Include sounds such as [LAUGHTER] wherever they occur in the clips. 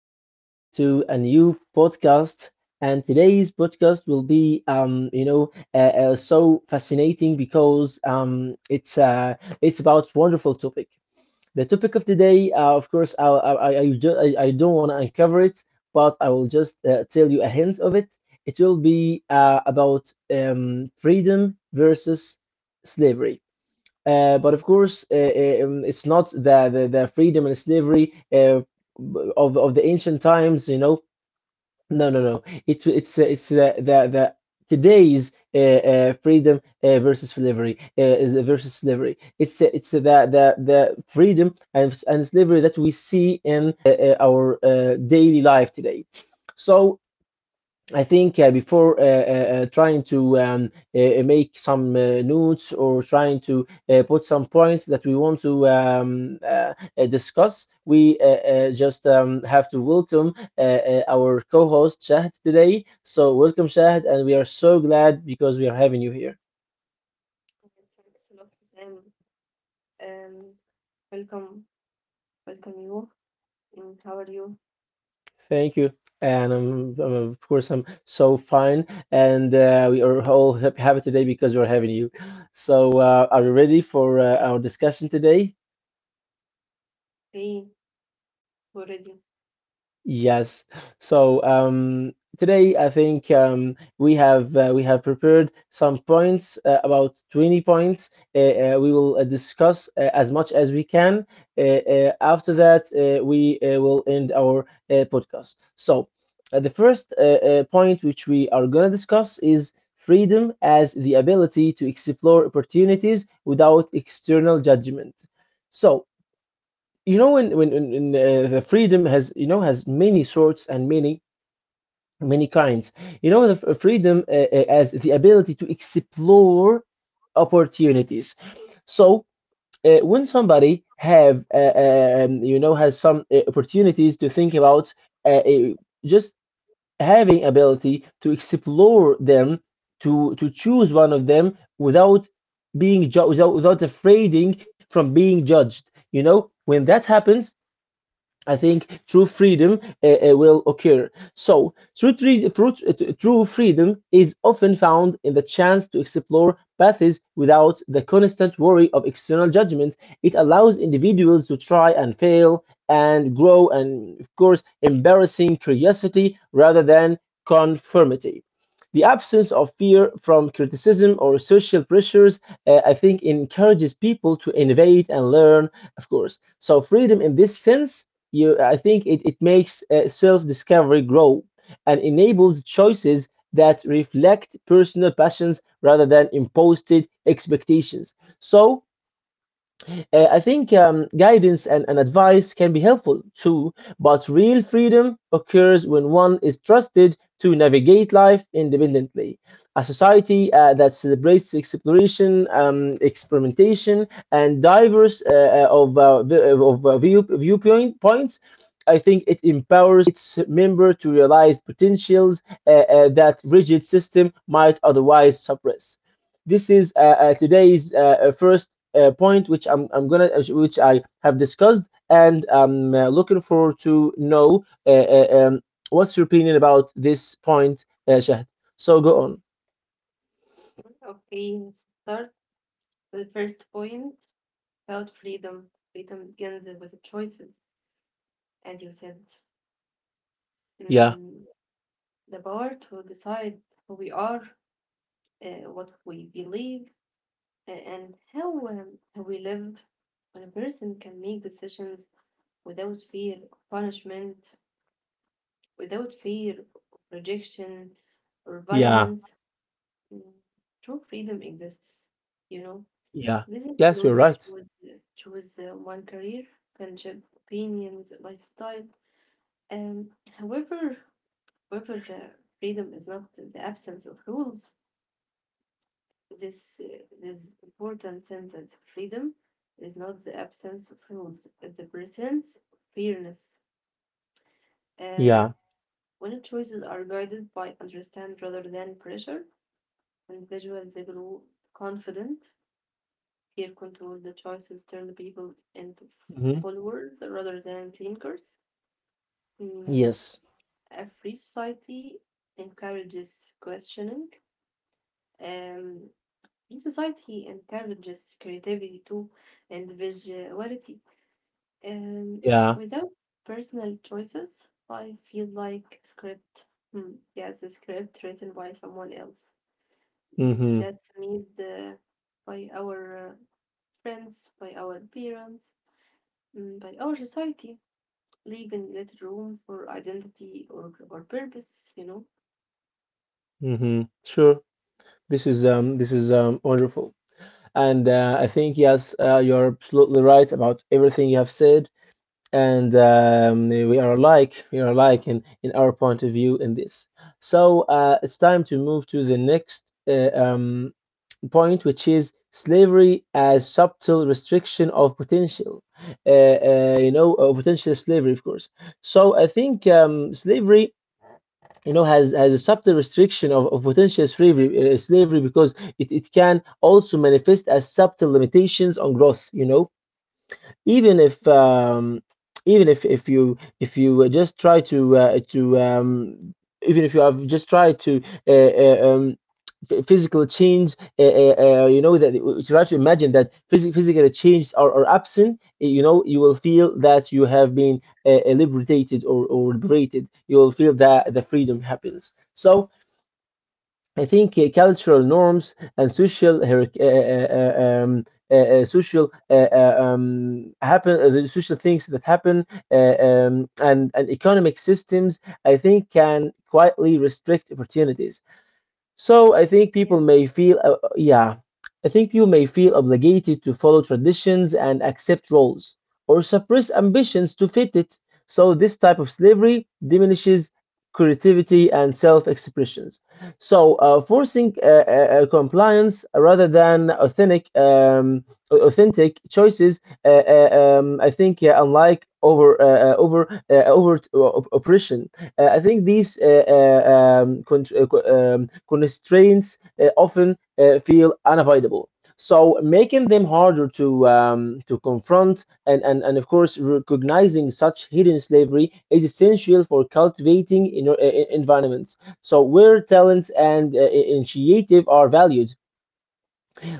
welcome back to a new podcast. And today's podcast will be, so fascinating because it's about wonderful topic. The topic of today, of course, I, ju- I don't want to uncover it, but I will just tell you a hint of it. It will be about freedom versus slavery. But of course, it's not the freedom and slavery of the ancient times. You know, no, no, no. It's it's the today's freedom versus slavery is versus slavery. It's the the freedom and slavery that we see in our daily life today. So I think before trying to make some notes, or trying to put some points that we want to discuss, we just have to welcome our co host Shahd today. So, welcome, Shahd, and we are so glad because we are having you here. Hello, Sam. Um, welcome, welcome you. And how are you? Thank you. And of course, I'm so fine, and we are all happy today because we're having you. So, are you ready for our discussion today? Okay, it's already Yes. So today, I think we have prepared some points, about 20 points. We will discuss as much as we can. After that, we will end our podcast. So the first point which we are going to discuss is freedom as the ability to explore opportunities without external judgment. So, you know when the freedom has, you know, has many sorts and many many kinds, you know, the freedom, as the ability to explore opportunities. So when somebody have , you know, has some opportunities to think about, uh, uh, just having ability to explore them, to choose one of them without without without afraiding from being judged. You know, when that happens, I think true freedom will occur. So, true, true freedom is often found in the chance to explore paths without the constant worry of external judgment. It allows individuals to try and fail and grow, and of course, embarrassing curiosity rather than conformity. The absence of fear from criticism or social pressures, I think, encourages people to innovate and learn, of course. So, freedom in this sense, you I think it, it makes self-discovery grow and enables choices that reflect personal passions rather than imposed expectations. So I think guidance and advice can be helpful too, but real freedom occurs when one is trusted to navigate life independently. A society that celebrates exploration, experimentation, and diverse of, vi- of view, viewpoint points, I think it empowers its member to realize potentials that rigid system might otherwise suppress. This is today's first point, which which I have discussed, and I'm looking forward to know what's your opinion about this point, Shahd. So go on. okay. Let's start with the first point about freedom. Freedom begins with the choices, and you said Yeah, mm, the power to decide who we are, what we believe, and how we live. When a person can make decisions without fear of punishment, without fear of rejection or yeah, violence. Mm, True freedom exists, you know. yeah. This Yes, you're includes the right. choose one career, friendship, opinions, lifestyle. Um, however, however, freedom is not the absence of rules. This uh, this important sentence, freedom, is not the absence of rules. It's the presence of fairness. And Yeah. when choices are guided by understand rather than pressure, individuals they grow confident, peer control the choices turn people into Hmm. followers rather than thinkers. Mm, Yes. a free society encourages questioning. Um, Free society encourages creativity too and visuality. Um, Yeah. Without personal choices, I feel like script. Hmm. Yes, a script written by someone else. Mm-hmm. That's made by our friends, by our parents, by our society, leaving little room for identity or purpose, you know? Mm-hmm. Sure. This is wonderful. And I think yes, you're absolutely right about everything you have said. And we are alike. We are alike in our point of view in this. So it's time to move to the next point, which is slavery as subtle restriction of potential. You know, potential slavery, of course. So I think slavery, you know, has a subtle restriction of potential slavery, slavery, because it can also manifest as subtle limitations on growth. You know, even if um, even if you just try to even if you have just tried to uh, uh, um, physical change, you know, that you try to imagine that physical changes are absent, you know, you will feel that you have been liberated, or liberated. You will feel that the freedom happens. So I think cultural norms and social hierarch- uh, social happen the social things that happen, and economic systems, I think, can quietly restrict opportunities. So I think Yes, people may feel, yeah, I think people may feel obligated to follow traditions and accept roles or suppress ambitions to fit it. So this type of slavery diminishes creativity and self-expressions. So forcing compliance rather than authentic, authentic choices, I think, unlike overt oppression. I think these constraints often feel unavoidable, so making them harder to confront. And of course, recognizing such hidden slavery is essential for cultivating environments. So where talents and initiative are valued,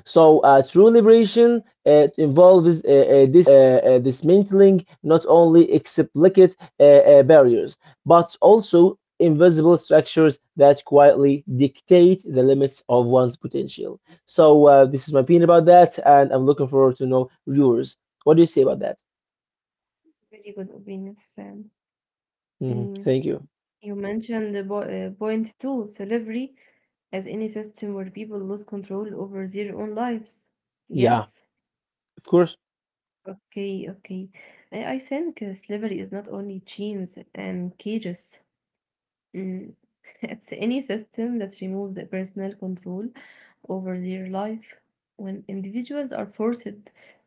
so true liberation involves this dismantling not only explicit barriers, but also invisible structures that quietly dictate the limits of one's potential. So this is my opinion about that, and I'm looking forward to know yours. What do you say about that? really good opinion, Sam. Hmm. Mm. Thank you. You mentioned the point two, slavery as any system where people lose control over their own lives. Yeah, Yes? of course. Okay, okay. I think slavery is not only chains and cages. Mm. [LAUGHS] It's any system that removes the personal control over their life. When individuals are forced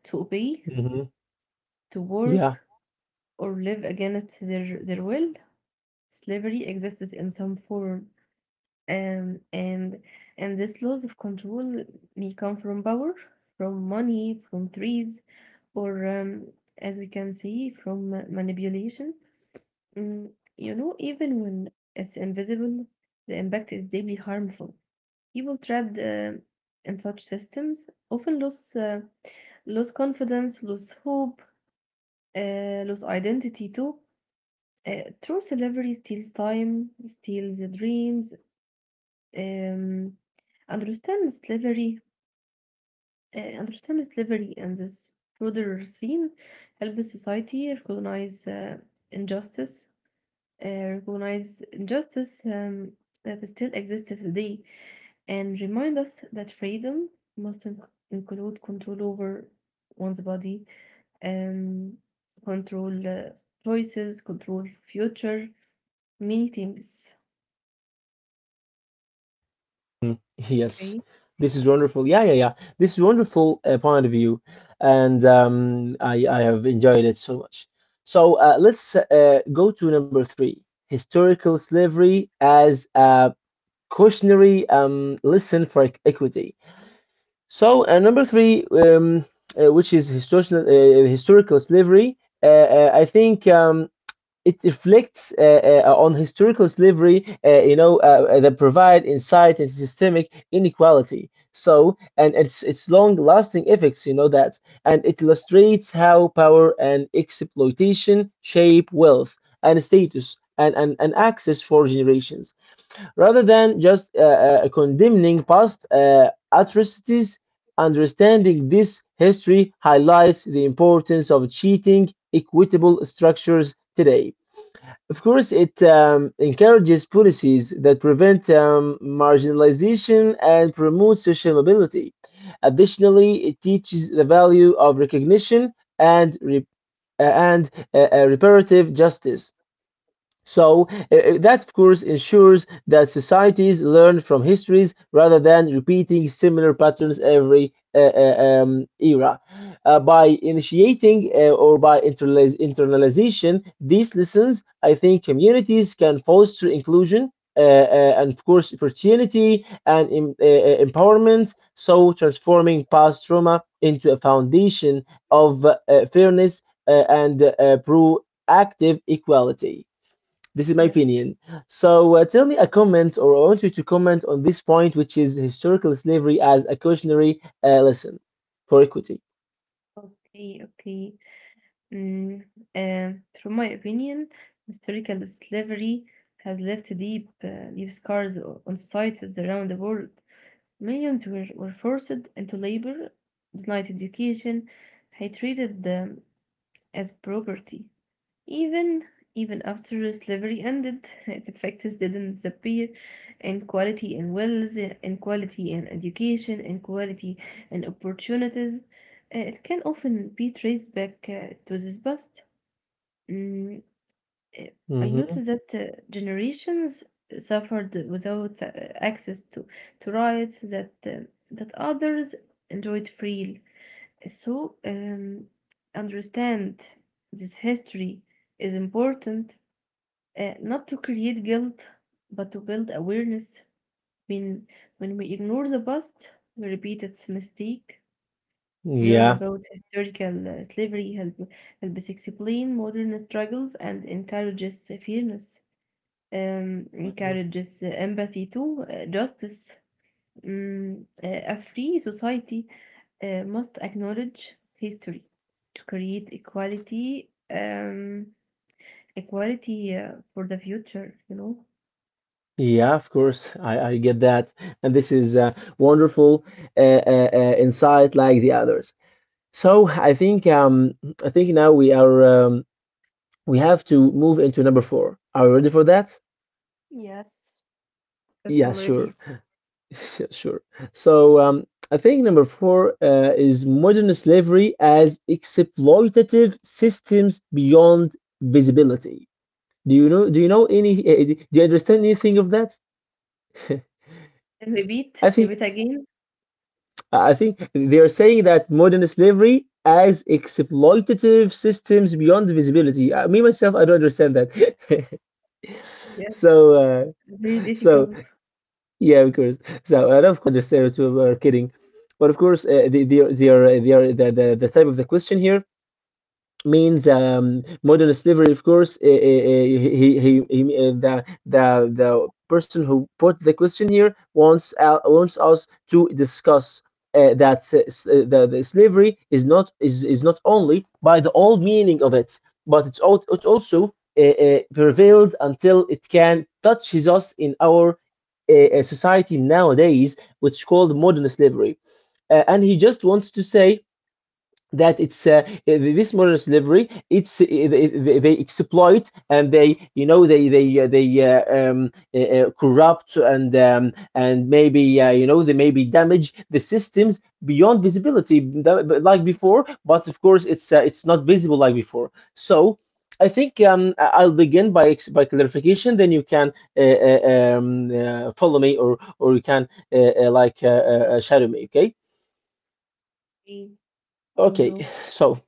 to obey, Hmm. to work, Yeah. or live against their will, slavery exists in some form. Um, and and this loss of control may come from power, from money, from threats, or as we can see, from manipulation. Mm, Even when it's invisible, the impact is deeply harmful. People trapped in such systems often lose confidence, lose hope, lose identity too. True celebrity steals time, steals the dreams, um, understand slavery, understand slavery and this broader scene help society recognize injustice, recognize injustice that still exists today, and remind us that freedom must include control over one's body, um, control choices, control future, many things. Mm, yes, Okay. this is wonderful. Yeah, yeah, yeah. This is wonderful point of view, and I have enjoyed it so much. So let's go to number three: historical slavery as a cautionary lesson for equity. So number three, which is historical slavery. I think it reflects on historical slavery, you know, that provide insight into systemic inequality, so, and it's long-lasting effects, you know that, and it illustrates how power and exploitation shape wealth and status and access for generations, rather than just condemning past atrocities. Understanding this history highlights the importance of cheating equitable structures today. Of course, it encourages policies that prevent marginalization and promote social mobility. Additionally, it teaches the value of recognition and re- and reparative justice. So that, of course, ensures that societies learn from histories rather than repeating similar patterns every era. By initiating or by internalization these lessons, I think communities can foster inclusion and, of course, opportunity and empowerment. So, transforming past trauma into a foundation of fairness and proactive equality. This is my Yes. opinion. So, tell me a comment, or I want you to comment on this point, which is historical slavery as a cautionary lesson for equity. Okay, okay. Mm, from my opinion, historical slavery has left deep scars on societies around the world. Millions were forced into labor, denied education, and treated them as property. Even even after slavery ended, its effects didn't disappear, and quality in wealth, and quality in education, and quality in opportunities, it can often be traced back to this past. Mm, uh, I Mhm. noticed that generations suffered without access to rights that others enjoyed freely. So understand this history is important, not to create guilt, but to build awareness. When when we ignore the past, we repeat its mistake. Learn Yeah. about historical slavery, helps explain modern struggles, and encourages fairness Mhm. encourages empathy too, justice. A free society must acknowledge history to create equality, equality for the future, you know? Yeah, of course. I get that. And this is wonderful uh, insight like the others. So I think now we are we have to move into number four. Are you ready for that? Yes, yes, I'm Yeah, ready. sure. [LAUGHS] Yeah, sure. So I think number four is modern slavery as exploitative systems beyond visibility. Do you understand anything of that? [LAUGHS] And repeat, I think repeat again. I think they are saying that modern slavery as exploitative systems beyond visibility. Me myself, I don't understand that. [LAUGHS] So, Yes. Very so difficult. yeah, of course. So I don't understand what we are kidding, but of course, they are the type of the question here means modern slavery, of course. The person who put the question here wants, wants us to discuss that s- s- eh, the slavery is not is not only by the old meaning of it, but it also prevailed until it can touches us in our society nowadays, which is called modern slavery. And he just wants to say that it's this modern slavery, it's they exploit and they, you know, they corrupt and maybe you know, they maybe damage the systems beyond visibility like before, but of course it's not visible like before. So I think Yes. I'll begin by by clarification. Then you can follow me, or you can like shadow me. Okay. Okay, I Okay. do. So,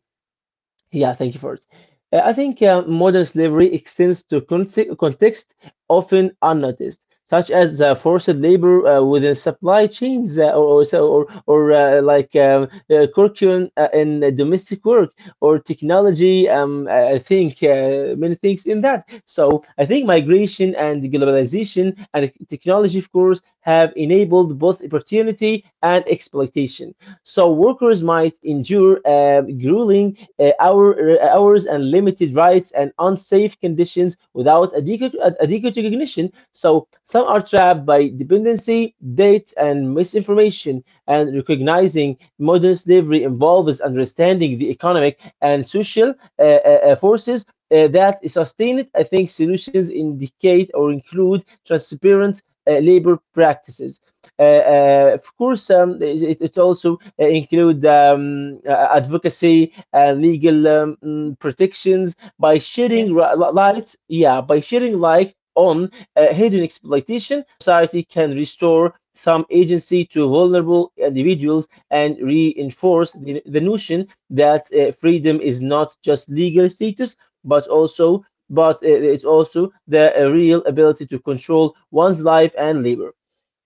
yeah, thank you for it. I think modern slavery extends to context often unnoticed, such as forced labor within supply chains, or like curriculum in domestic work or technology. I think many things in that. So I think migration and globalization and technology, of course, have enabled both opportunity and exploitation. So workers might endure grueling hours and limited rights and unsafe conditions without adequate recognition. So some are trapped by dependency, debt, and misinformation. And recognizing modern slavery involves understanding the economic and social forces that sustain it. I think solutions indicate or include transparent labor practices. Of course, it also include advocacy, legal, protections. By Yes, shedding light, yeah, by shedding light on hidden exploitation, society can restore some agency to vulnerable individuals and reinforce the notion that freedom is not just legal status, but also but it's also the real ability to control one's life and labor.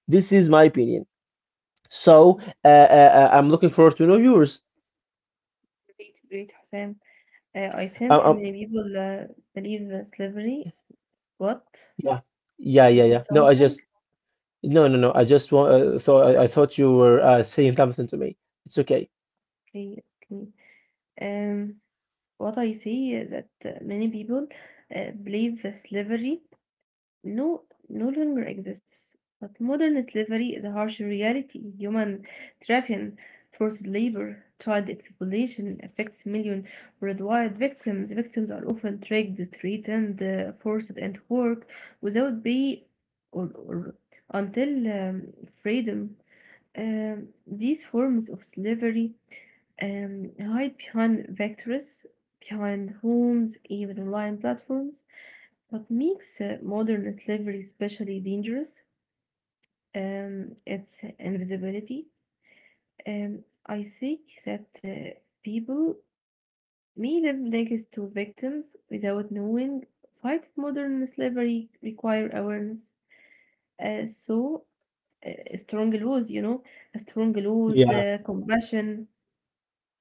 This is my opinion. So I'm looking forward to know yours. great, great, Hussein. I Uh, think Um, many people believe that slavery. What? Yeah, yeah, You yeah, said yeah. No, I something? just no, no, no. I just thought I thought you were saying something to me. It's okay. Okay, okay. Um, what I see is that many people believe that slavery no no longer exists. But modern slavery is a harsh reality. Human trafficking, forced labor, child exploitation affects millions worldwide. Victims are often tricked, threatened, forced into work without pay or until um, freedom. These forms of slavery hide behind vectors, behind homes, even online platforms. What makes modern slavery especially dangerous? Its invisibility. Um, I think that people may live next to victims without knowing. Fight modern slavery require awareness. So strong laws, strong laws, Yeah, compassion.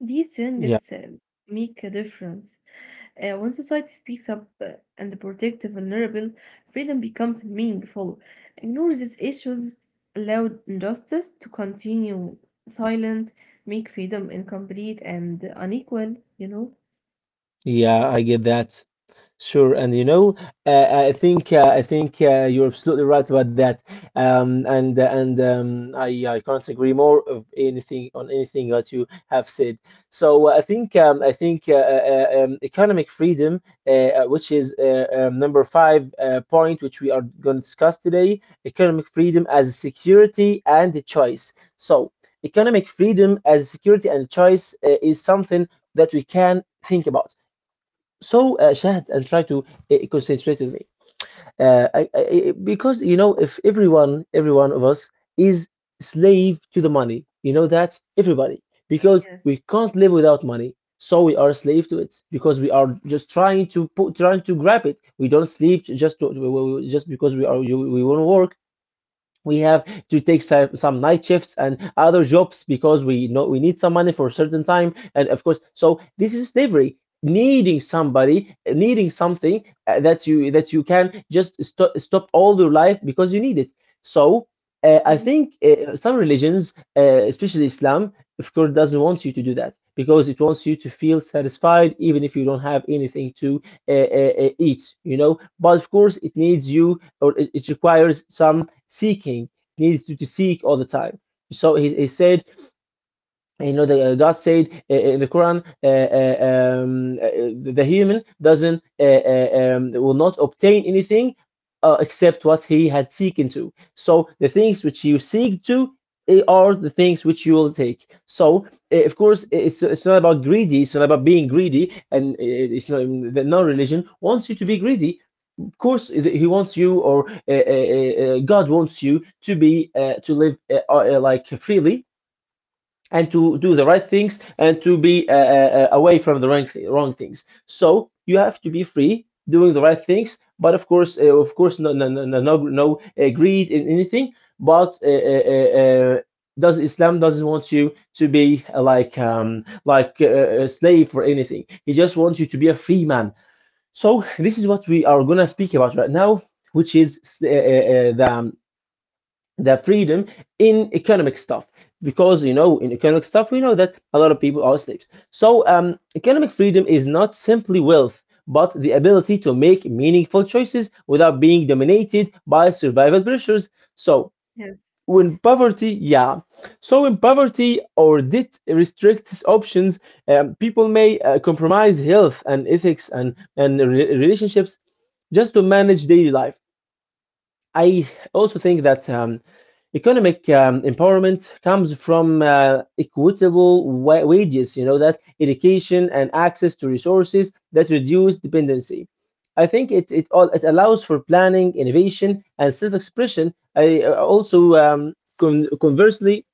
These yeah, things make a difference. When society speaks up and protects the vulnerable, freedom becomes meaningful. Ignore these issues, allow injustice to continue silent, make freedom incomplete and unequal, you know? yeah, I get that. Sure, and I think you're absolutely right about that, and I can't agree more of anything on anything that you have said. So I think economic freedom, which is number 5 point, which we are going to discuss today, economic freedom as a security and a choice. So economic freedom as a security and choice is something that we can think about. So Shahad, and try to concentrate with me. uh, I, I, because you know, if every one of us is slave to the money, you know that everybody, because Yes. we can't live without money, so we are slave to it, because we are just trying to trying to grab it. We don't sleep, just to, we- just because we want to work. We have to take some night shifts and other jobs because we know we need some money for a certain time, and of course, so this is slavery. Needing somebody, needing something that you can just stop all your life because you need it. So I Mhm. think some religions, especially Islam, of course, doesn't want you to do that because it wants you to feel satisfied even if you don't have anything to eat. But of course it needs you, or it requires some seeking, needs to seek all the time. So he said, you know, the, God said in the Quran, the human doesn't will not obtain anything except what he had seeking to. So the things which you seek to, are the things which you will take. So, of course, Mm. It's not about greedy. It's not about being greedy. And, it's not the non-religion wants you to be greedy. Of course, he wants you, or God wants you to be to live like freely, and to do the right things, and to be away from the wrong things. So you have to be free doing the right things. But of course, no, no, no, no, no, no, greed in anything. But does Islam doesn't want you to be like a slave or anything. He just wants you to be a free man. So this is what we are gonna speak about right now, which is the freedom in economic stuff. Because you know, in economic stuff we know that a lot of people are slaves. So economic freedom is not simply wealth, but the ability to make meaningful choices without being dominated by survival pressures. So Yes. when poverty yeah, so in poverty or debt restricts options. People may compromise health and ethics and relationships, just to manage daily life. I also think that economic empowerment comes from equitable wages, you know, that education and access to resources that reduce dependency. I think it allows for planning, innovation, and self expression. I, also, conversely,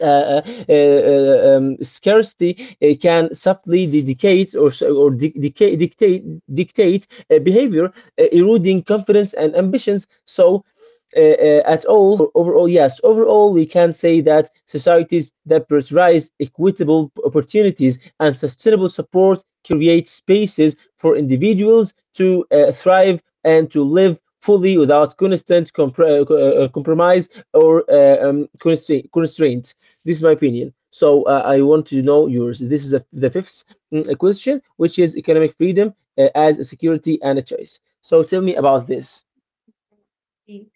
uh, uh, scarcity can subtly dictate or dictate, dictate behavior, eroding confidence and ambitions. So, Yes. at all, or overall, we can say that societies that prioritize equitable opportunities and sustainable support create spaces for individuals to thrive and to live fully without constant compromise or constraint. This is my opinion. So I want to know yours. This is the fifth question, which is economic freedom as a security and a choice. So tell me about this. Okay,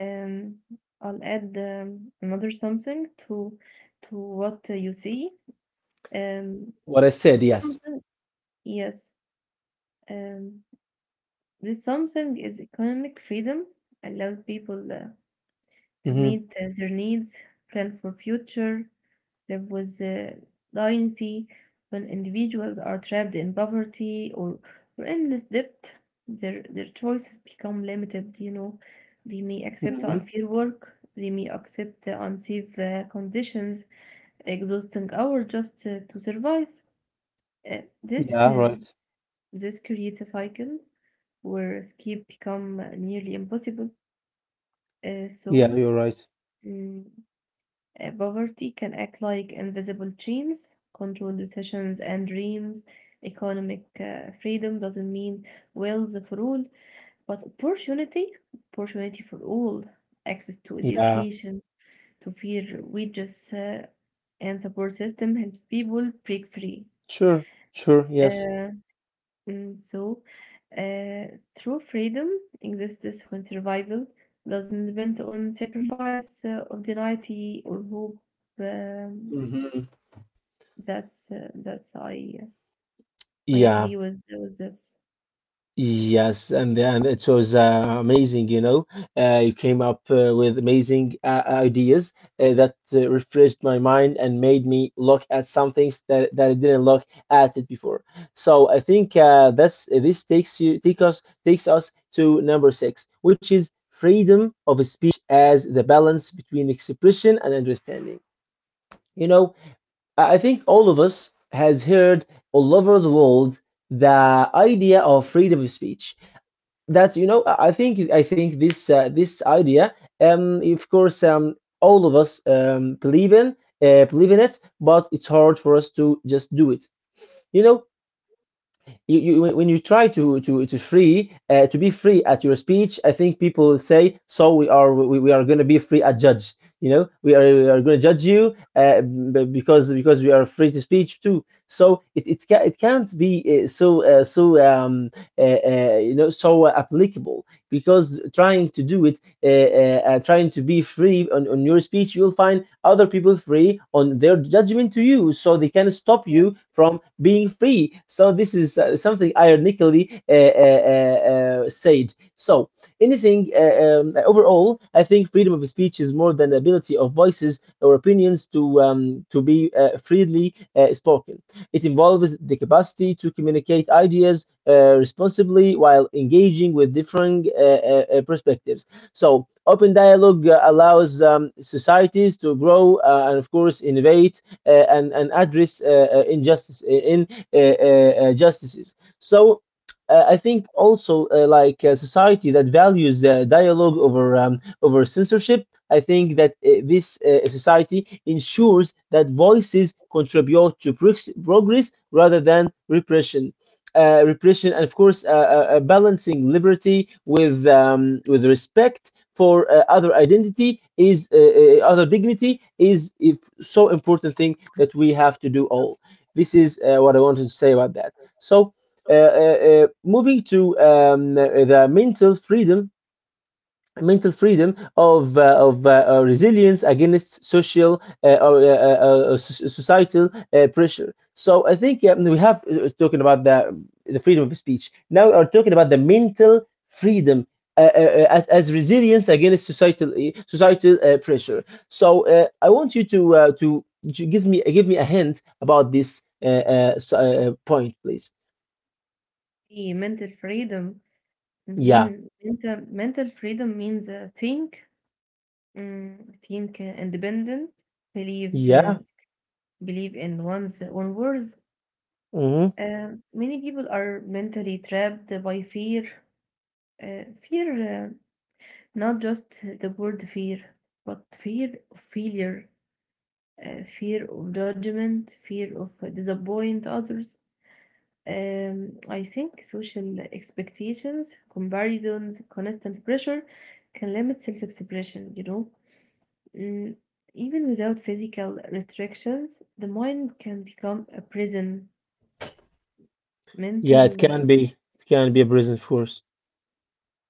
Um, I'll add another something to what you see. Um, What I said, it's yes. something, yes. Um, This something is economic freedom, allowed people to Hmm. meet their needs, plan for future, live with dignity. When individuals are trapped in poverty or endless debt, their choices become limited. They may accept Hmm. unfair work, they may accept unsafe conditions, exhausting hours just to survive. Uh, Yeah, this uh, right. this creates a cycle where escape become nearly impossible. Yeah, So, you're right. mm, poverty can act like invisible chains, control decisions and dreams. Economic freedom doesn't mean wealth for all, but opportunity, opportunity for all, access to Yeah, education, to fair wages, and support system helps people break free. sure, sure, yes. Uh, so, uh, true freedom exists when survival doesn't depend on sacrifice of deniality or hope. Um, Hmm. That's I Yeah. agree with this. Yes, and it was amazing, you know. You came up with amazing ideas that refreshed my mind and made me look at some things that I didn't look at it before. So I think that's this takes us to number 6, which is freedom of speech as the balance between expression and understanding. You know, I think all of us has heard all over the world the idea of freedom of speech. That's, you know, I think this idea, of course, all of us, believe in it, but it's hard for us to just do it, you know. You, when you try to free to be free at your speech, I think people say, so we are, we are going to be free at judge. You know, we are, going to judge you, because we are free to speech too. So it can't be, so so uh, you know so applicable, because trying to do it uh, trying to be free on your speech, you'll find other people free on their judgment to you, so they can stop you Yes, from being free. So this is something ironically said. So anything, overall, I think freedom of speech is more than the ability of voices or opinions to be freely spoken. It involves the capacity to communicate ideas responsibly while engaging with differing perspectives. So open dialogue allows societies to grow, and, of course, innovate, and address injustice, in justices. So. I think also, like a society that values dialogue over censorship. I think that this society ensures that voices contribute to progress rather than repression, and of course, balancing liberty with respect for other identity is, other dignity is if so important thing that we have to do all. This is what I wanted to say about that. So. Uh, uh, Moving to the mental freedom, of resilience against societal pressure. So I think we have talking about the freedom of speech. Now we are talking about the mental freedom. As, resilience against societal, pressure. So I want you to to give me a hint about this point, please. the mental freedom. Yeah, Mm-hmm. Mental freedom means think independent, believe yeah, uh, believe in one's own worth. hmm, Many people are mentally trapped by fear. Fear, not just the word fear, but fear of failure, fear of judgment, fear of disappoint others. I think social expectations, comparisons, constant pressure can limit self-expression. Mm, Even without physical restrictions, the mind can become a prison. yeah. It Mental, uh, can be, a prison force.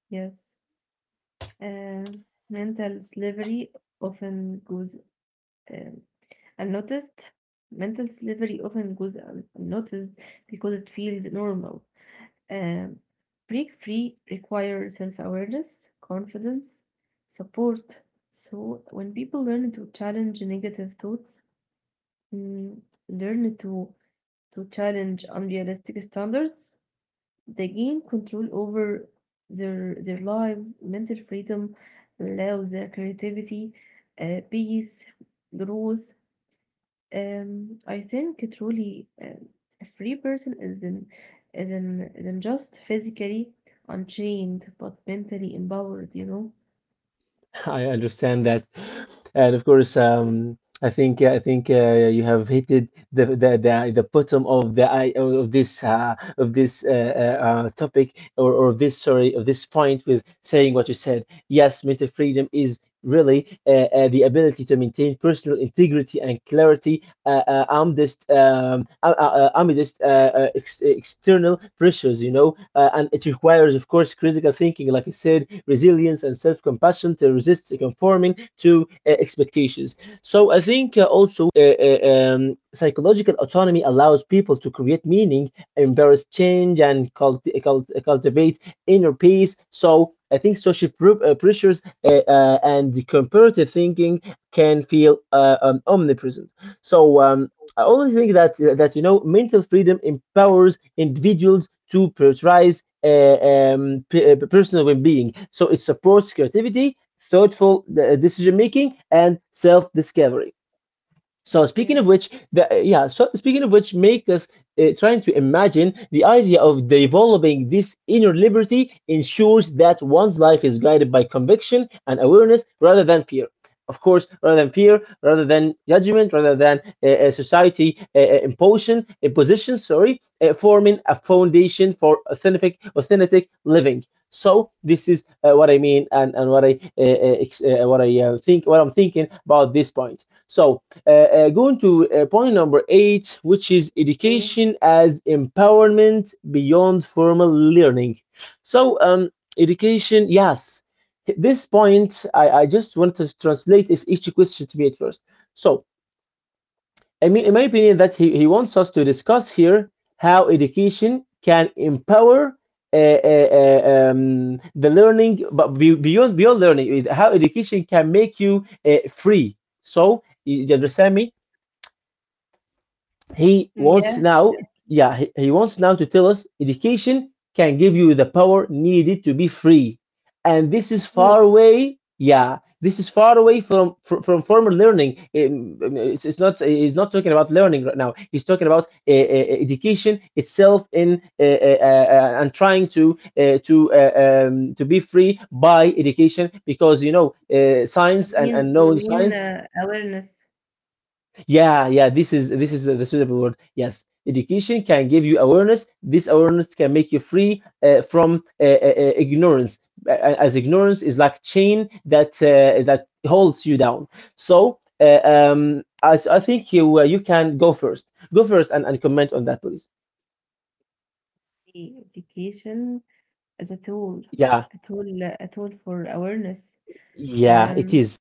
yes, uh, mental slavery often goes um, unnoticed. Mental slavery often goes unnoticed because it feels normal. Um, Break free requires self awareness, confidence, support. So when people learn to challenge negative thoughts, mm, learn to challenge unrealistic standards, they gain control over their lives, mental freedom allows their creativity, peace, growth. I think truly a free person is an is an is an just physically unchained but mentally empowered. You know. [LAUGHS] I understand that, and of course, I think you have hit the bottom of the I of this, topic, or this, sorry, of this point, with saying what you said. Yes, mental freedom is really the ability to maintain personal integrity and clarity external pressures, and it requires, of course, critical thinking, like I said, resilience and self-compassion to resist conforming to expectations. So I think also psychological autonomy allows people to create meaning, embrace change, and cultivate inner peace. So I think social pressures and the comparative thinking can feel omnipresent. So I always think that mental freedom empowers individuals to prioritize personal well-being. So it supports creativity, thoughtful decision making, and self-discovery. So speaking of Yes. which, yeah. So speaking of which, make us trying to imagine the idea of developing this inner liberty ensures that one's life is guided by conviction and awareness rather than fear. Of course, rather than fear, rather than judgment, rather than society imposition, imposition. Sorry, forming a foundation for authentic, authentic living. So this is what I mean and what I'm thinking about this point. So going to point number eight, which is Okay. education as empowerment beyond formal learning. So, education, yes. This point, I just want to translate is each question to me at first. So, I mean, in my opinion, that he wants us to discuss here how education can empower the learning, but beyond learning, how education can make you free. So, you understand me? He Mm, wants yeah. now, Yes. yeah, he wants now to tell us education can give you the power needed to be free. And this It's a is far tool. away, yeah, this is far away from from former learning. It's not he's not talking about learning right now. He's talking about Yes. education itself in and trying to be free by education because You science and, mean and you knowing mean science awareness, yeah, yeah, this is the suitable word. Yes, education can give you awareness. This awareness can make you free from ignorance, a- as ignorance is like chain that holds you down. So, I think you can go first. Go first and comment on that, please. Education, as Yeah, a tool, a tool for awareness. yeah, it Um, is.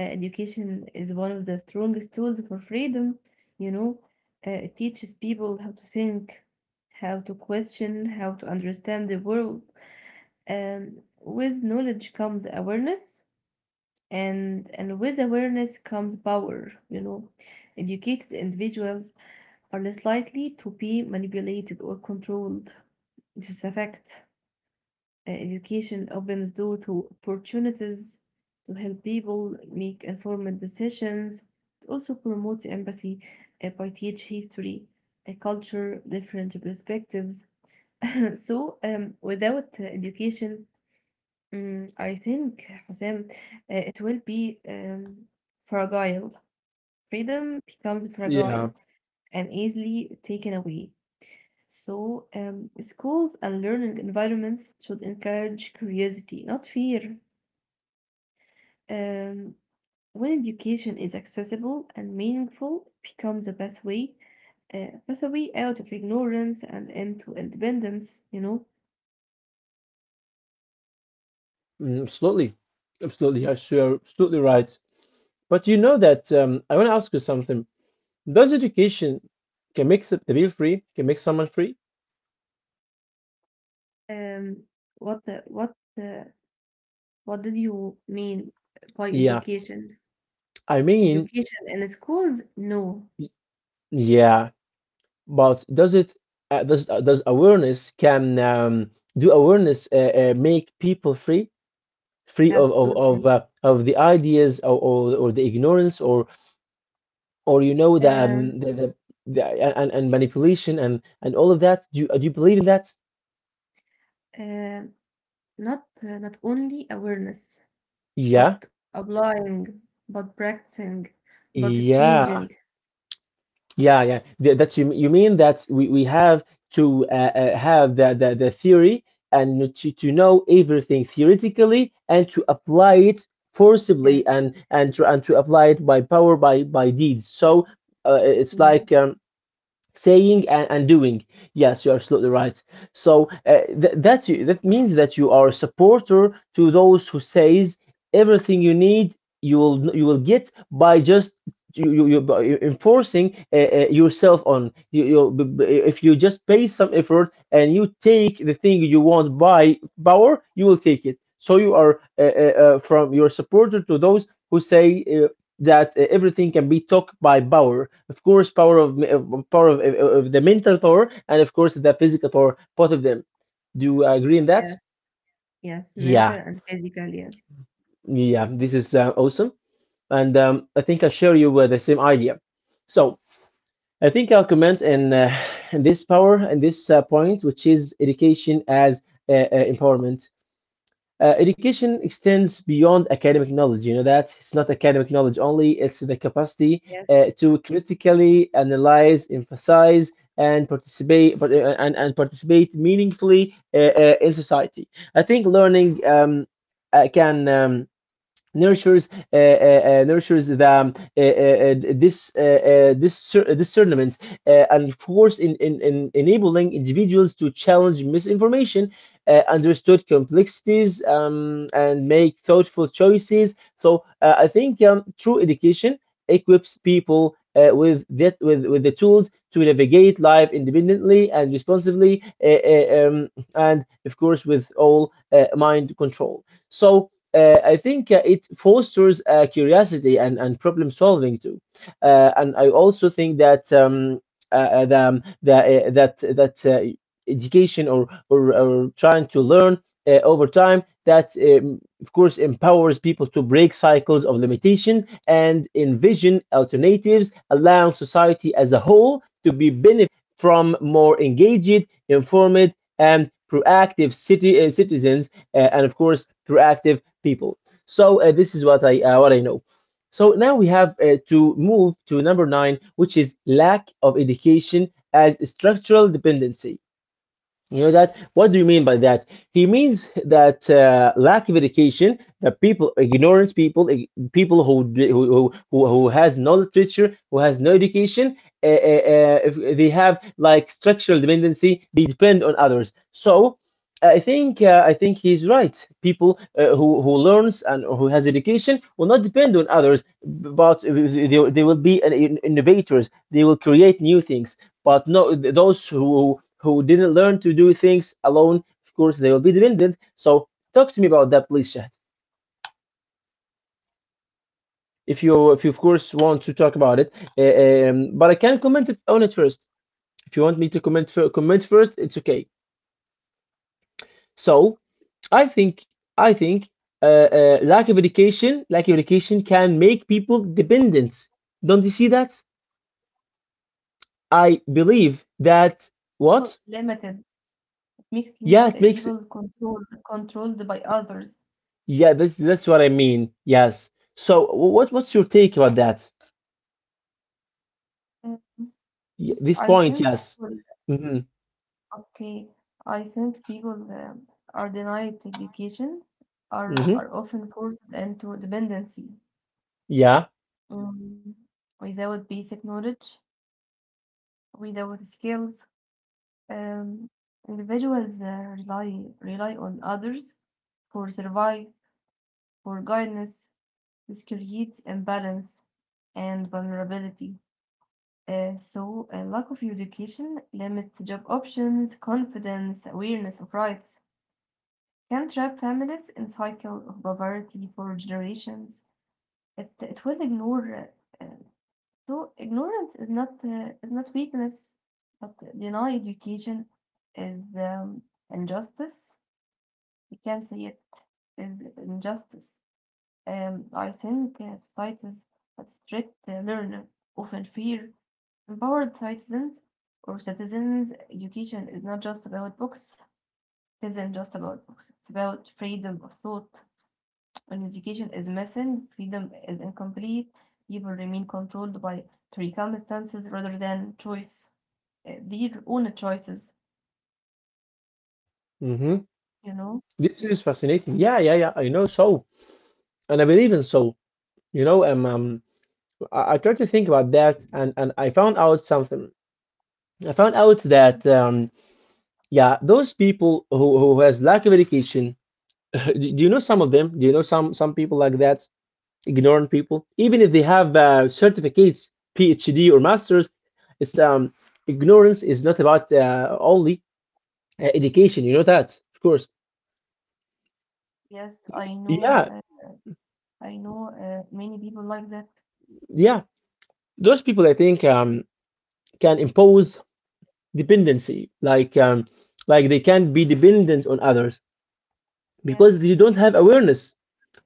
Education is one of the strongest tools for freedom, you know. It teaches people how to think, how to question, how to understand the world. With knowledge comes awareness, and with awareness comes power. Educated individuals are less likely to be manipulated or controlled. This is a fact. Education opens door to opportunities to help people make informed decisions. It also promotes empathy by teach history, a culture, different perspectives. [LAUGHS] So without education, I think Hussein, it will be fragile. Freedom becomes fragile Yeah, and easily taken away. So, schools and learning environments should encourage curiosity, not fear. Um, when education is accessible and meaningful, it becomes a pathway out of ignorance and into independence. Mm, absolutely, absolutely. Yes, you're absolutely right. But you know that I want to ask you something. Does education can make the bill free? Can make someone free? um, what the, what the, what did you mean by Yeah, education? I mean, Education in schools? No, y- yeah, but does it? Does awareness can do awareness make people free? Free of of of, absolutely. uh, of the ideas or the ignorance or Um, the and manipulation and all of that. Do you believe in that? um not only awareness, Yeah, but applying, but practicing, but changing. yeah. Yeah, yeah. That you mean that we have to have the theory and to know everything theoretically and to apply it forcibly Yes, and to apply it by power by deeds. So it's like yeah, saying and doing. Yes, you're absolutely right. So that that means that you are a supporter to those who says everything you need you will get by just you by enforcing yourself on you, you b- b- if you just pay some effort and you take the thing you want by power you will take it. So you are from your supporter to those who say that everything can be talked by power, of course, power of the mental power and of course the physical power, both of them. Do you agree in that? yes. Yes, Yeah, mental and physical, yes. yeah, this is awesome, and I think I share you the same idea. So I think I'll comment in this power and this point, which is education as empowerment. Education extends beyond academic knowledge. You know that it's not academic knowledge only, it's the capacity Yes. to critically analyze, emphasize, and participate, and participate meaningfully in society. I think learning can. Nurtures nurtures the this discernment and of course in enabling individuals to challenge misinformation understood complexities and make thoughtful choices. So I think true education equips people with the tools to navigate life independently and responsibly and of course with all mind control. So I think it fosters curiosity and problem solving too. And I also think that uh, uh, the, um, the, uh, that that uh, education or trying to learn over time that of course empowers people to break cycles of limitation and envision alternatives, allowing society as a whole to be benefit from more engaged, informed, and proactive citizens, and of course proactive people. So this is what I know. So now we have to move to number nine, which is lack of education as structural dependency. You know that? What do you mean by that? He means that lack of education, that people, ignorant people, people who d- who has no literature, who has no education, uh, uh, if they have like structural dependency. They depend on others. So I think he's right. People who learns and who has education will not depend on others, but they will be an innovators. They will create new things. But no, those who didn't learn to do things alone, of course, they will be dependent. So talk to me about that, please, Shahd. If you of course want to talk about it. But I can comment it on it first. If you want me to comment first, it's okay. So I think I think lack of education can make people dependent. Don't you see that? I And believe that people what? limited. It makes people Yeah, uh, it makes. people controlled by others. Yeah, that's what I mean. Yes. So what's your take about that? Um, This I point, think yes. people, Hmm. okay. I think people are denied education, are Hmm. are often forced into dependency Yeah. um, without basic knowledge, without skills. Um, Individuals rely on others for survive, for guidance. This creates imbalance and vulnerability. So, a lack of education limits job options, confidence, awareness of rights, can trap families in cycle of poverty for generations. It will ignore. Uh, uh, so, ignorance is not weakness, but deny education is injustice. We can say it is injustice. I think societies that strict learner often fear empowered citizens or citizens. Education is not just about books. It isn't just about books. It's about freedom of thought. When education is missing, freedom is incomplete. People remain controlled by circumstances rather than choice, their own choices. Hmm. You know. This is fascinating. Yeah, yeah, yeah. I know so, and I believe in so. You know, I tried to think about that, and I found out something. I found out that yeah, those people who has lack of education. [LAUGHS] Do you know some of them? Do you know some people like that? Ignorant people, even if they have certificates, PhD or masters. It's ignorance is not about only education. You know that, of course. Yes, I know. Yeah, I know. Many people like that. yeah. Those people, I think, can impose dependency, like they can be dependent on others because they Yes. don't have awareness.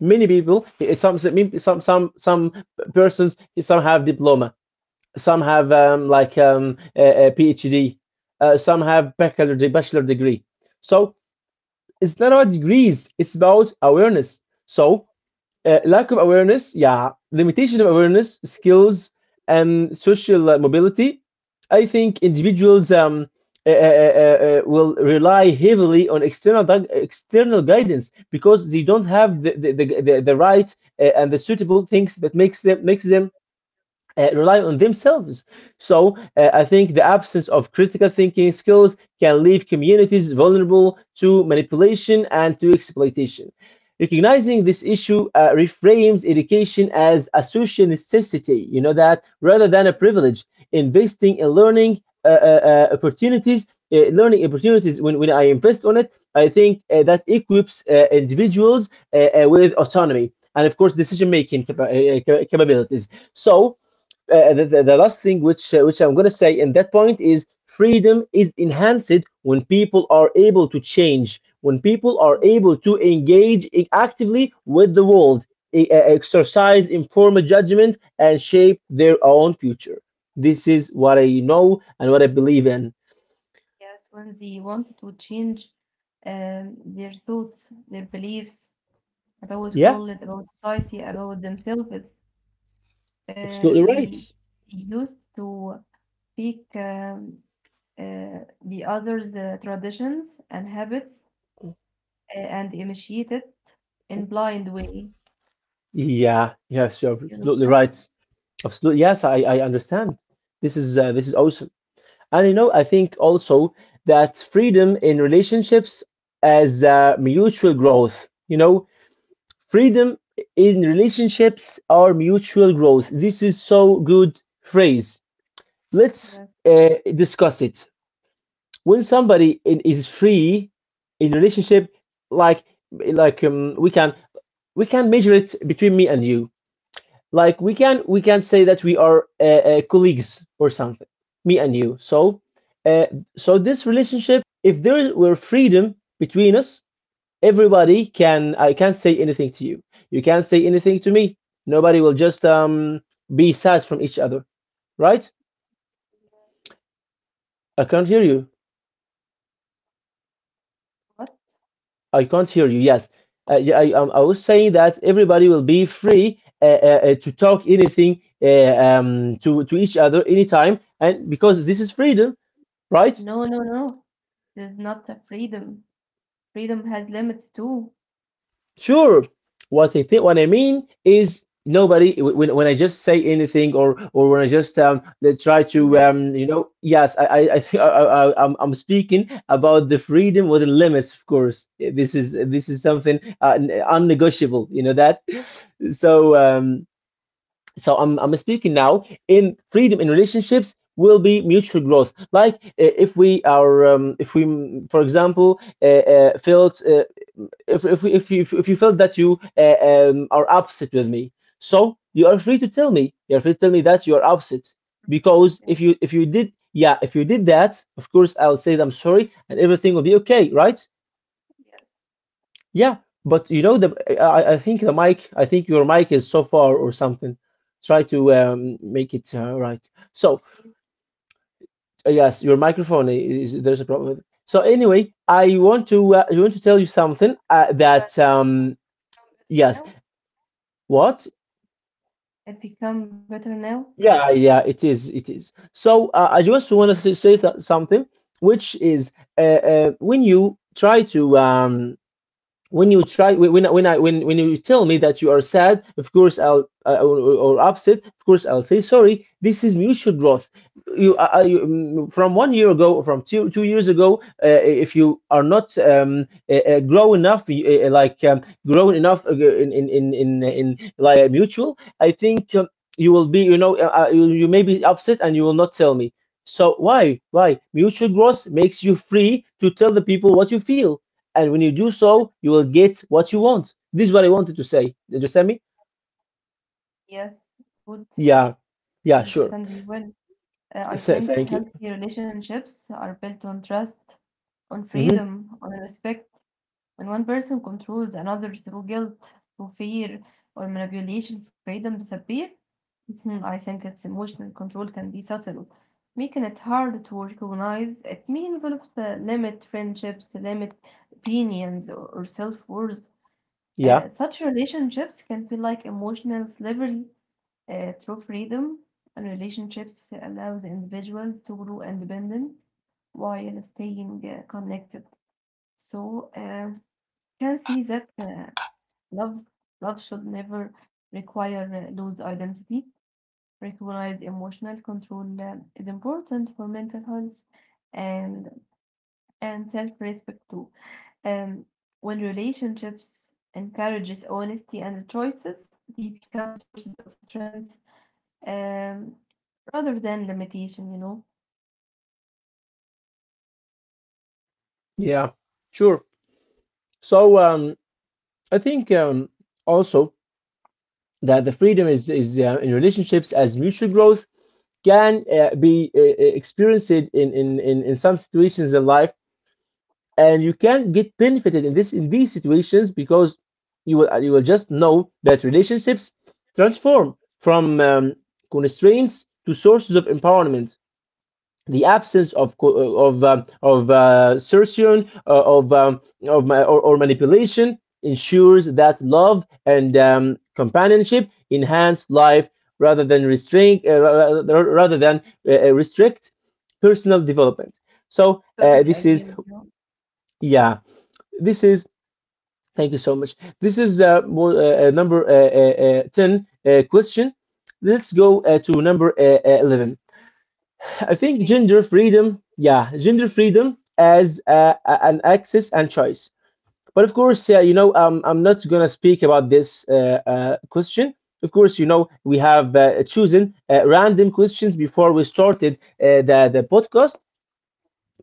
Many people, some persons, some have diploma. Some have a PhD. Some have bachelor degree. So it's not about degrees. It's about awareness. So lack Yes. of awareness, yeah, limitation of awareness, skills, and social mobility. I think individuals will rely heavily on external guidance because they don't have the right and the suitable things that makes them rely on themselves. So I think the absence of critical thinking skills can leave communities vulnerable to manipulation and to exploitation. Recognizing this issue reframes education as a social necessity, you know that, rather than a privilege. Investing in learning opportunities, when I invest on it, I think that equips individuals with autonomy and, of course, decision making capabilities. So, the last thing which I'm going to say in that point is freedom is enhanced when people are able to change, when people are able to engage actively with the world, exercise informed judgment, and shape their own future. This is what I know and what I believe in. Yes, when they wanted to change their thoughts, their beliefs about Yeah, world, about society, about themselves, they, absolutely they right. used to take uh, the others' traditions and habits and initiate it in blind way. Yeah, yes, you're You know? absolutely right. Absolutely, yes, I understand. This is awesome. And you know, I think also that freedom in relationships as mutual growth. You know, freedom in relationships are mutual growth. This is so good phrase. Let's Yes. Discuss it. When somebody is free in relationship, like like we can measure it between me and you. Like we can say that we are colleagues or something, me and you. So uh, so this relationship, if there were freedom between us, everybody can— I can't say anything to you, you can't say anything to me, nobody will just be sad from each other, right? I can't hear you. What? I can't hear you. Yes. I was saying that everybody will be free to talk anything to each other anytime, and because this is freedom, right? No, no, no. There's not a freedom. Freedom has limits too. Sure. What I mean is nobody— when I just say anything, or when I just they try Yes. to Right. Yes, I think [LAUGHS] I- am I'm speaking about the freedom with the limits. Of course, this is something unnegotiable. You know that. So um so I'm speaking now in freedom in relationships will be mutual growth like. If we are if we for example, felt— if you— if you felt that you are upset with me, so you are free to tell me. You are free to tell me that you are upset, because if Yes. you if you did— yeah, if you did that, of course I'll say that I'm sorry and everything will be okay, right? Yeah, but you know the— I think the mic— I think your mic is so far or something. Try to make it right. So Yes. Yes. yes, your microphone is— there's a problem with it. So anyway, I want to tell you something that become better yes. now? What? It become better now? Yeah, it is. It is. So I just Hey, want to say something, which is when you try to when you try— when I, when you tell me that you are sad, of course I'll or— or upset, of course I'll say sorry. This is mutual growth. You, I, you mm, from 1 year ago or from two years ago. If you are not grow enough— grown enough in like mutual, I think, you will be, you— you may be upset and you will not tell me. So why— why mutual growth makes you free to tell the people what you feel. And when you do so, you will get what you want. This is what I wanted to say. Did you understand me? yes, good. Yeah, I yeah, sure. understand you well. I So, think thank you. healthy relationships are built on trust, on Hmm. freedom, on respect. When one person controls another through guilt, through fear, or manipulation, freedom disappears. Mhm, I think its emotional control can be subtle, making it hard to recognize. It may involve the limit friendships, limit opinions, or self worth. Yeah, Such relationships can feel like emotional slavery through freedom, and relationships allows individuals to grow independent while staying connected. So can see that love love should never require lose identity. Recognize emotional control is important for mental health and and self-respect too. Um, when relationships encourages honesty and choices, they become sources of strength, um, rather than limitation. yeah, sure. So I think also that the freedom is in relationships as mutual growth can be experienced in some situations in life, and you can get benefited in this— in these situations because you will just know that relationships transform from constraints to sources of empowerment. The absence of— of certion— of or manipulation ensures that love and companionship enhance life rather than restrain— rather than restrict personal development. So Totally this is— agree with you. yeah, this is— thank you so much. This is number 10 question. Let's go to number 11. I think Yeah. gender freedom. Yeah, gender freedom as an access and choice. But of course, you know, I'm not gonna speak about this question. Of course, you know, we have chosen random questions before we started the podcast,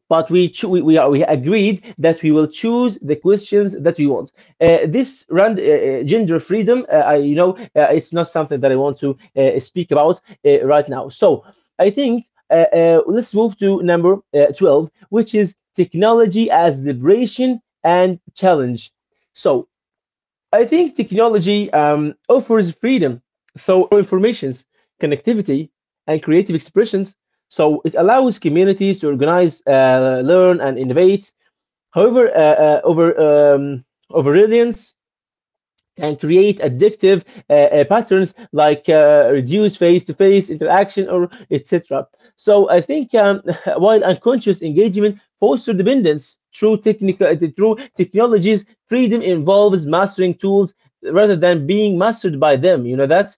but we cho- we, are, we agreed that we will choose the questions that we want. This gender freedom, I, you know, it's not something that I want to speak about right now. So I think let's move to number 12, which is technology as liberation and challenge. So I think technology offers freedom, so informations, connectivity, and creative expressions. So it allows communities to organize, learn, and innovate. However, over um, over can create addictive patterns like reduce face-to-face interaction or etc. So I think [LAUGHS] while unconscious engagement foster dependence through technical through technologies, freedom involves mastering tools rather than being mastered by them. You know that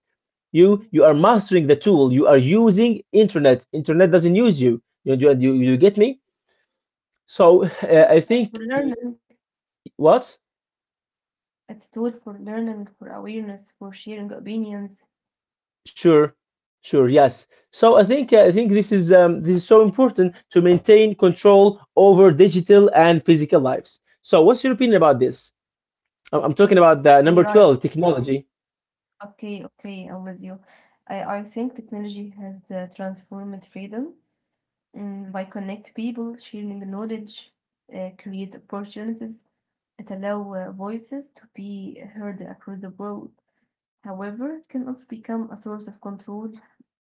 you It's you are mastering the tool. You are using internet. Internet doesn't use you. You get me? So [LAUGHS] a tool, I think for learning, what? it's a tool for learning, for awareness, for sharing opinions. Sure, sure, yes. So I think this is so important to maintain control over digital and physical lives. So what's your opinion about this? I'm Mm. talking about the You're number right. 12, technology. Okay, okay, I'm with you. I think technology has transformed freedom, mm, by connect people, sharing knowledge, create opportunities. It allows voices to be heard across the world. However, it can also become a source of control,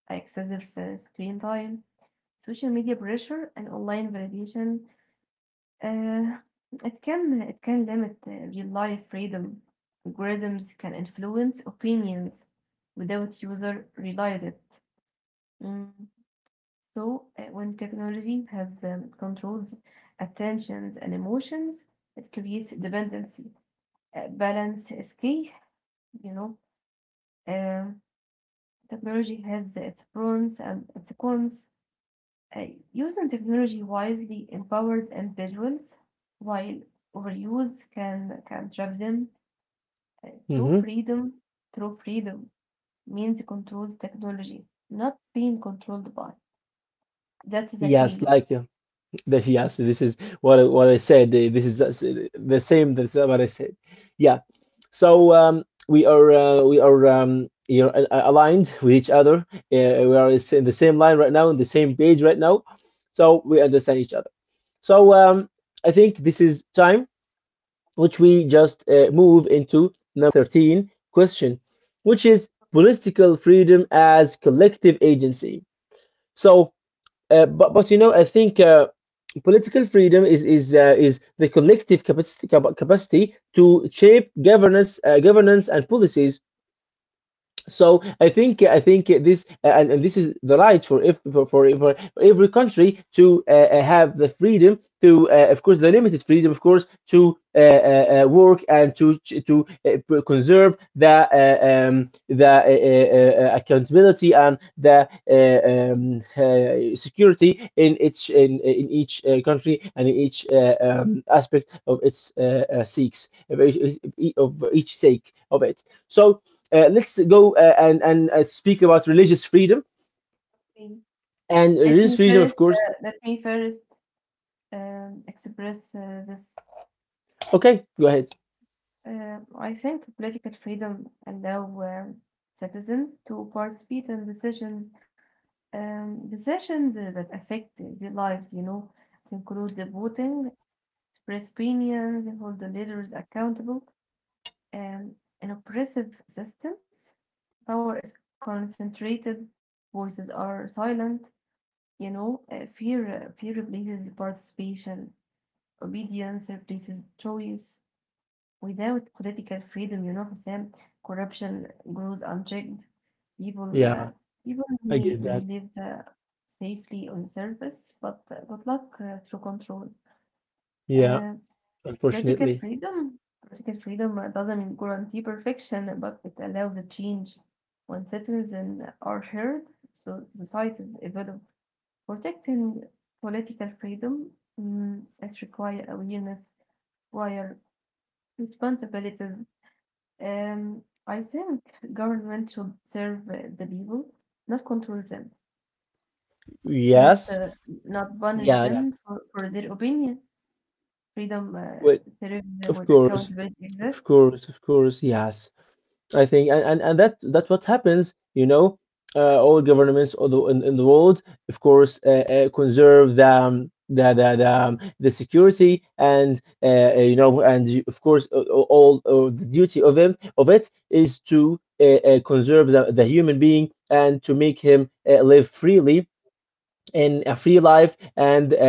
excessive screen time, social media pressure, and online validation. Uh, it can limit real life freedom. Algorithms can influence opinions without user realize it. Mm. So when technology has controls attentions and emotions, it creates dependency. Balance is key, you know. Uh, technology has its pros and its cons. Uh, using technology wisely empowers individuals, while overuse can trap them. Uh, true Hmm. freedom, true freedom means controlled technology, not being controlled by. That's the Yes, key. like yes, this is what I— what I said. This is the same. That's what I said. Yeah. So we are you know, aligned with each other. We are in the same line right now, in the same page right now. So we understand each other. So I think this is time which we just move into number 13 question, which is political freedom as collective agency. So, but you know, I think political freedom is the collective capacity, capacity to shape governance, governance and policies. So I think— I think this— and this is the right for— if for for every country to have the freedom to— of course the limited freedom, of course, to work and to conserve the accountability and the security in each country and in each aspect of its seeks of each sake of it. So let's go and speak about religious freedom Okay. and Let religious me freedom, of first, course. uh, let me first express this. Okay, go ahead. I think political freedom allow citizens to participate in decisions, decisions that affect their lives. You know, it includes the voting, express opinions, and hold the leaders accountable. Um, in oppressive systems, power is concentrated, voices are silent. You know, fear replaces participation, obedience replaces choice. Without political freedom, you know, Hussein, corruption grows unchecked. People, Yeah, uh, people I get that. may live safely on the surface, but good luck through control. Yeah, Uh, political unfortunately. freedom, political freedom doesn't guarantee perfection, but it allows a change. When citizens are heard, so societies evolve. Protecting political freedom, mm, it requires awareness, require responsibilities. I think government should serve the people, not control them, not Yes. Not punish Yeah, them yeah. for their opinion. Freedom Wait, thrives of when course, accountability of exists. course, of course. Yes. I think, and that that's what happens. You know, all governments all the— in the world, of course, conserve the the security and you know, and you— of course, all the duty of him— of it is to conserve the— the human being and to make him live freely in a free life, and uh, uh,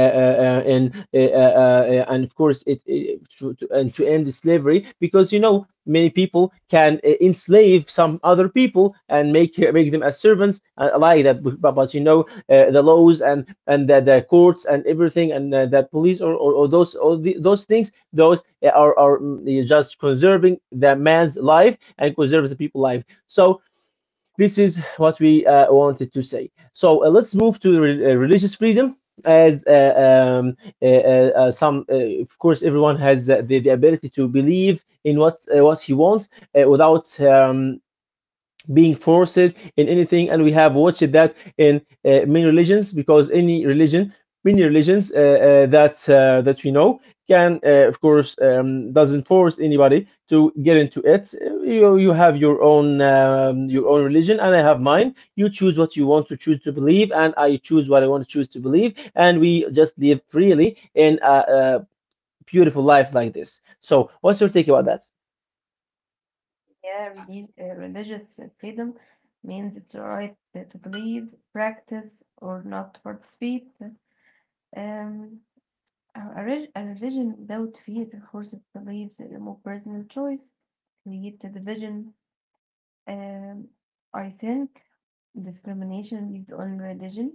uh, and uh, uh, uh, and of course it— it to— to— and to end the slavery because you know many people can enslave some other people and make them as servants and like that. But you know, the laws and— and the— the courts and everything, and the police, or those— all the— those things, those are just conserving the man's life and conserves the people's life. So this is what we wanted to say. So let's move to religious freedom. As um, of course, everyone has the ability to believe in what he wants without being forced in anything. And we have watched that in many religions, because any religion many religions that we know can, of course, doesn't force anybody to get into it. You— you have your own religion and I have mine. You choose what you want to choose to believe and I choose what I want to choose to believe, and we just live freely in a— a beautiful life like this. So what's your take about that? Yeah, religious freedom means it's right to believe, practice, or not participate. Um, a religion without fear forces beliefs in more personal choice, create a division. Um, I think discrimination based on religion,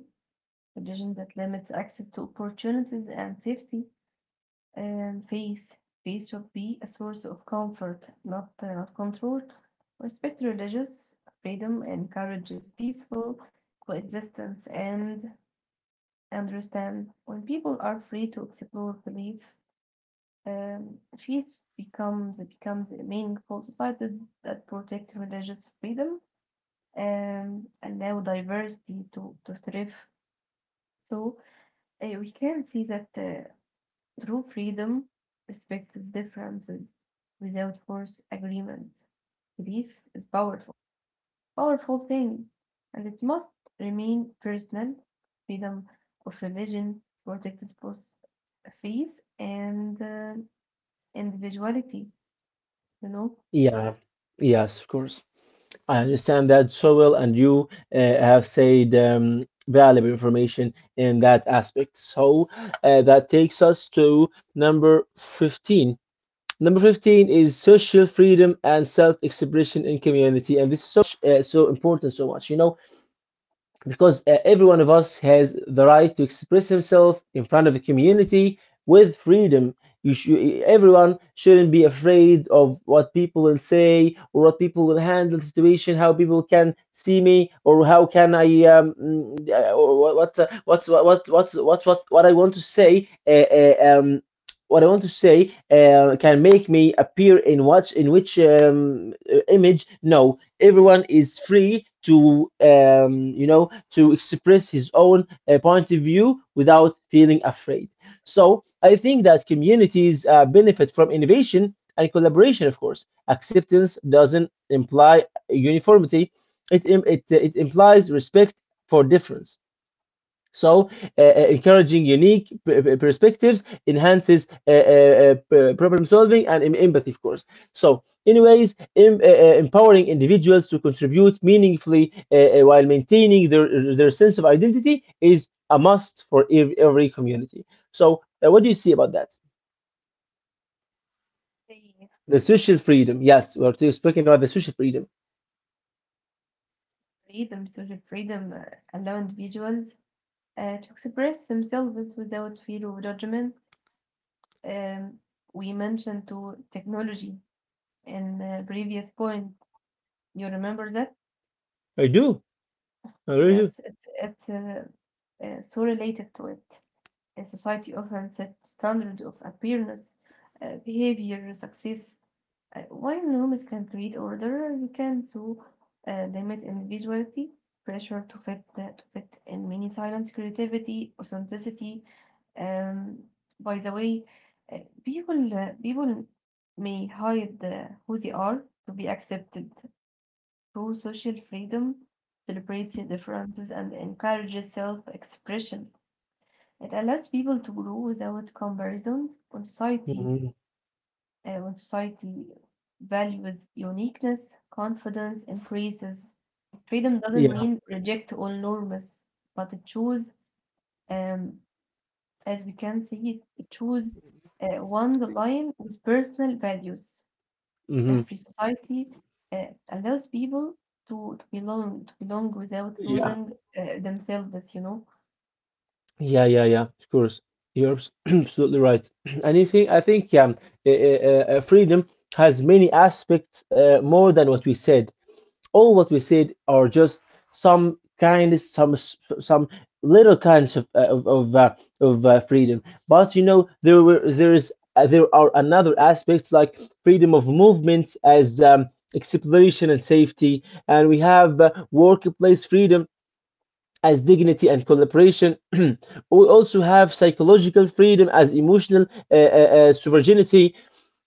religion that limits access to opportunities and safety, and faith. Faith should be a source of comfort, not, not control. Respect religious freedom encourages peaceful coexistence and understand when people are free to explore belief. Um, faith becomes a meaningful society that protects religious freedom, allow diversity to thrive. So we can see that true freedom respects differences without force agreement. Belief is powerful, powerful thing, and it must remain personal. Freedom of religion protected both faith and individuality. You know, Yeah, yes, of course. I understand that so well, and you have said valuable information in that aspect. So that takes us to number 15. Number 15 is social freedom and self expression in community, and this is so, so important, so much. You know, because every one of us has the right to express himself in front of a community with freedom. You should— everyone shouldn't be afraid of what people will say or what people will handle the situation, how people can see me or how can I mm, or what I want to say what I want to say can make me appear in what— in which image? No, everyone is free to to express his own point of view without feeling afraid. So I think that communities benefit from innovation and collaboration. Of course, acceptance doesn't imply uniformity. It implies respect for difference. So, encouraging unique perspectives enhances problem solving and empathy, of course. So, anyways, empowering individuals to contribute meaningfully while maintaining their sense of identity is a must for every community. So, what do you see about that? The social freedom. Yes, we're still speaking about the social freedom. freedom, social freedom, allow individuals to express themselves without fear of judgment. Um, we mentioned to technology in the previous point. You remember that? I do. I really do. Yes, it's so related to it. A society often set standard of appearance, behavior, success. While norms can create order, they can so limit individuality, pressure to fit in many silence, creativity, authenticity. Um, by the way, uh, people may hide who they are to be accepted through social freedom, celebrates their differences, and encourages self-expression. It allows people to grow without comparisons on society. Mhm. Uh, when society values uniqueness, confidence increases. Freedom doesn't Yeah. mean reject all norms, but it choose, um, as we can see, it choose one's line with personal values. A Hmm. free society allows people to belong without Yeah. losing themselves. You know, Yeah, yeah, yeah, of course. You're [CLEARS THROAT] absolutely right. [CLEARS THROAT] And you think, I think, yeah, freedom has many aspects, more than what we said. All what we said are just some kindness, some some little kinds of freedom. But you know, there were there is there are another aspects like freedom of movements as exploration and safety, and we have workplace freedom as dignity and collaboration. [CLEARS THROAT] We also have psychological freedom as emotional sovereignty.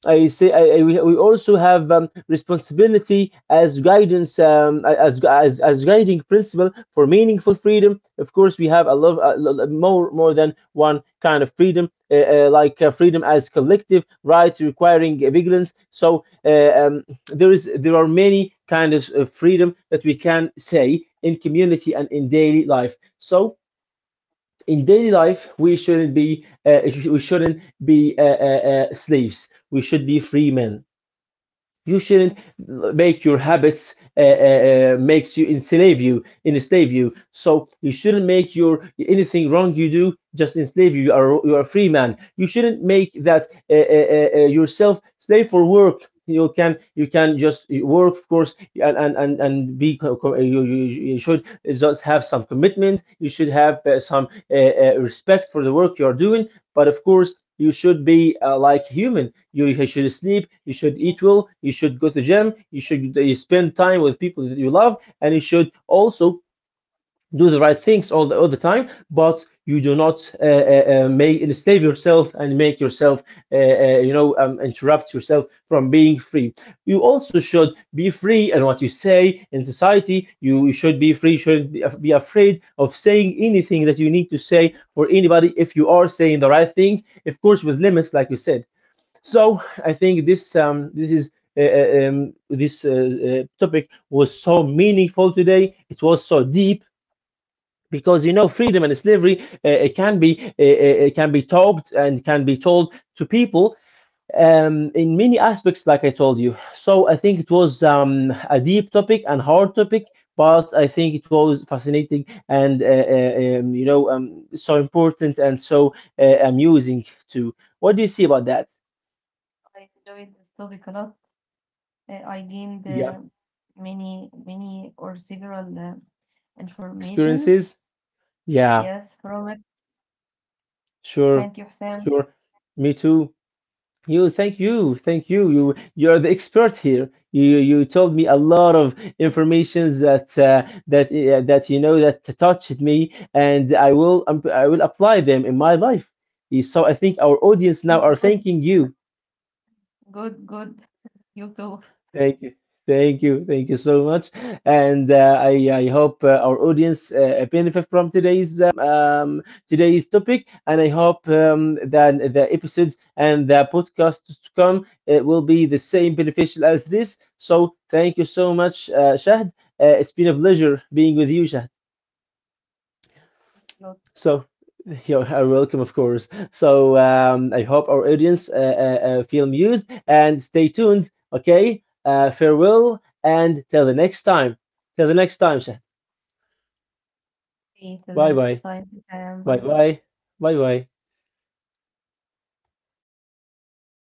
I say I, we also have responsibility as guidance, as guiding principle for meaningful freedom. Of course, we have a lot, a more more than one kind of freedom, like freedom as collective right requiring vigilance. So there are many kinds of freedom that we can say in community and in daily life. So in daily life we shouldn't be we shouldn't be uh, slaves. We should be free men. You mm, shouldn't make your habits makes you enslave, you enslave you, so you shouldn't make your anything wrong you do just enslave you. You are a free man. You shouldn't make that yourself slave for work. You can just work, of course, and be you should just have some commitment. You should have some respect for the work you are doing. But of course, you should be like human. You should sleep. You should yeah, eat well. You should go to the gym. You should spend time with people that you love, and you should also do the right things all the time, but you do not make enslave yourself and make yourself interrupt yourself from being free. You also should be free in what you say in society. You should be free. You shouldn't be afraid of saying anything that you need to say for anybody if you are saying the right thing, of course, with limits, like you said. So I think this this is. This topic was so meaningful today. It was so deep because you know freedom and slavery, it can be talked and can be told to people in many aspects like I told you. So I think it was a deep topic and hard topic, but I think it was fascinating and so important and so amusing too. What do you see about that? I enjoyed this topic a lot. I gained Yeah. Many, many or several informations. Experiences. Yeah. Yes, from it. Thank Sure. you, Sam. Sure. Me too. Thank you, thank you. You're the expert here. You told me a lot of informations that you know that touched me, and I will apply them in my life. So I think our audience now are Good, thanking you. good, good. You too. Thank you. Thank you. Thank you so much. And I hope our audience benefit from today's today's topic. And I hope that the episodes and the podcasts to come will be the same beneficial as this. So thank you so much, Shahd. It's been a pleasure being with you, Shahd. Thanks a lot. So [LAUGHS] you're welcome, of course. So I hope our audience feel amused and stay tuned. Okay, farewell and till the next time. Till the next time, Shah. See you till the Bye next bye. time, Sam. Bye Bye bye. bye. Bye bye.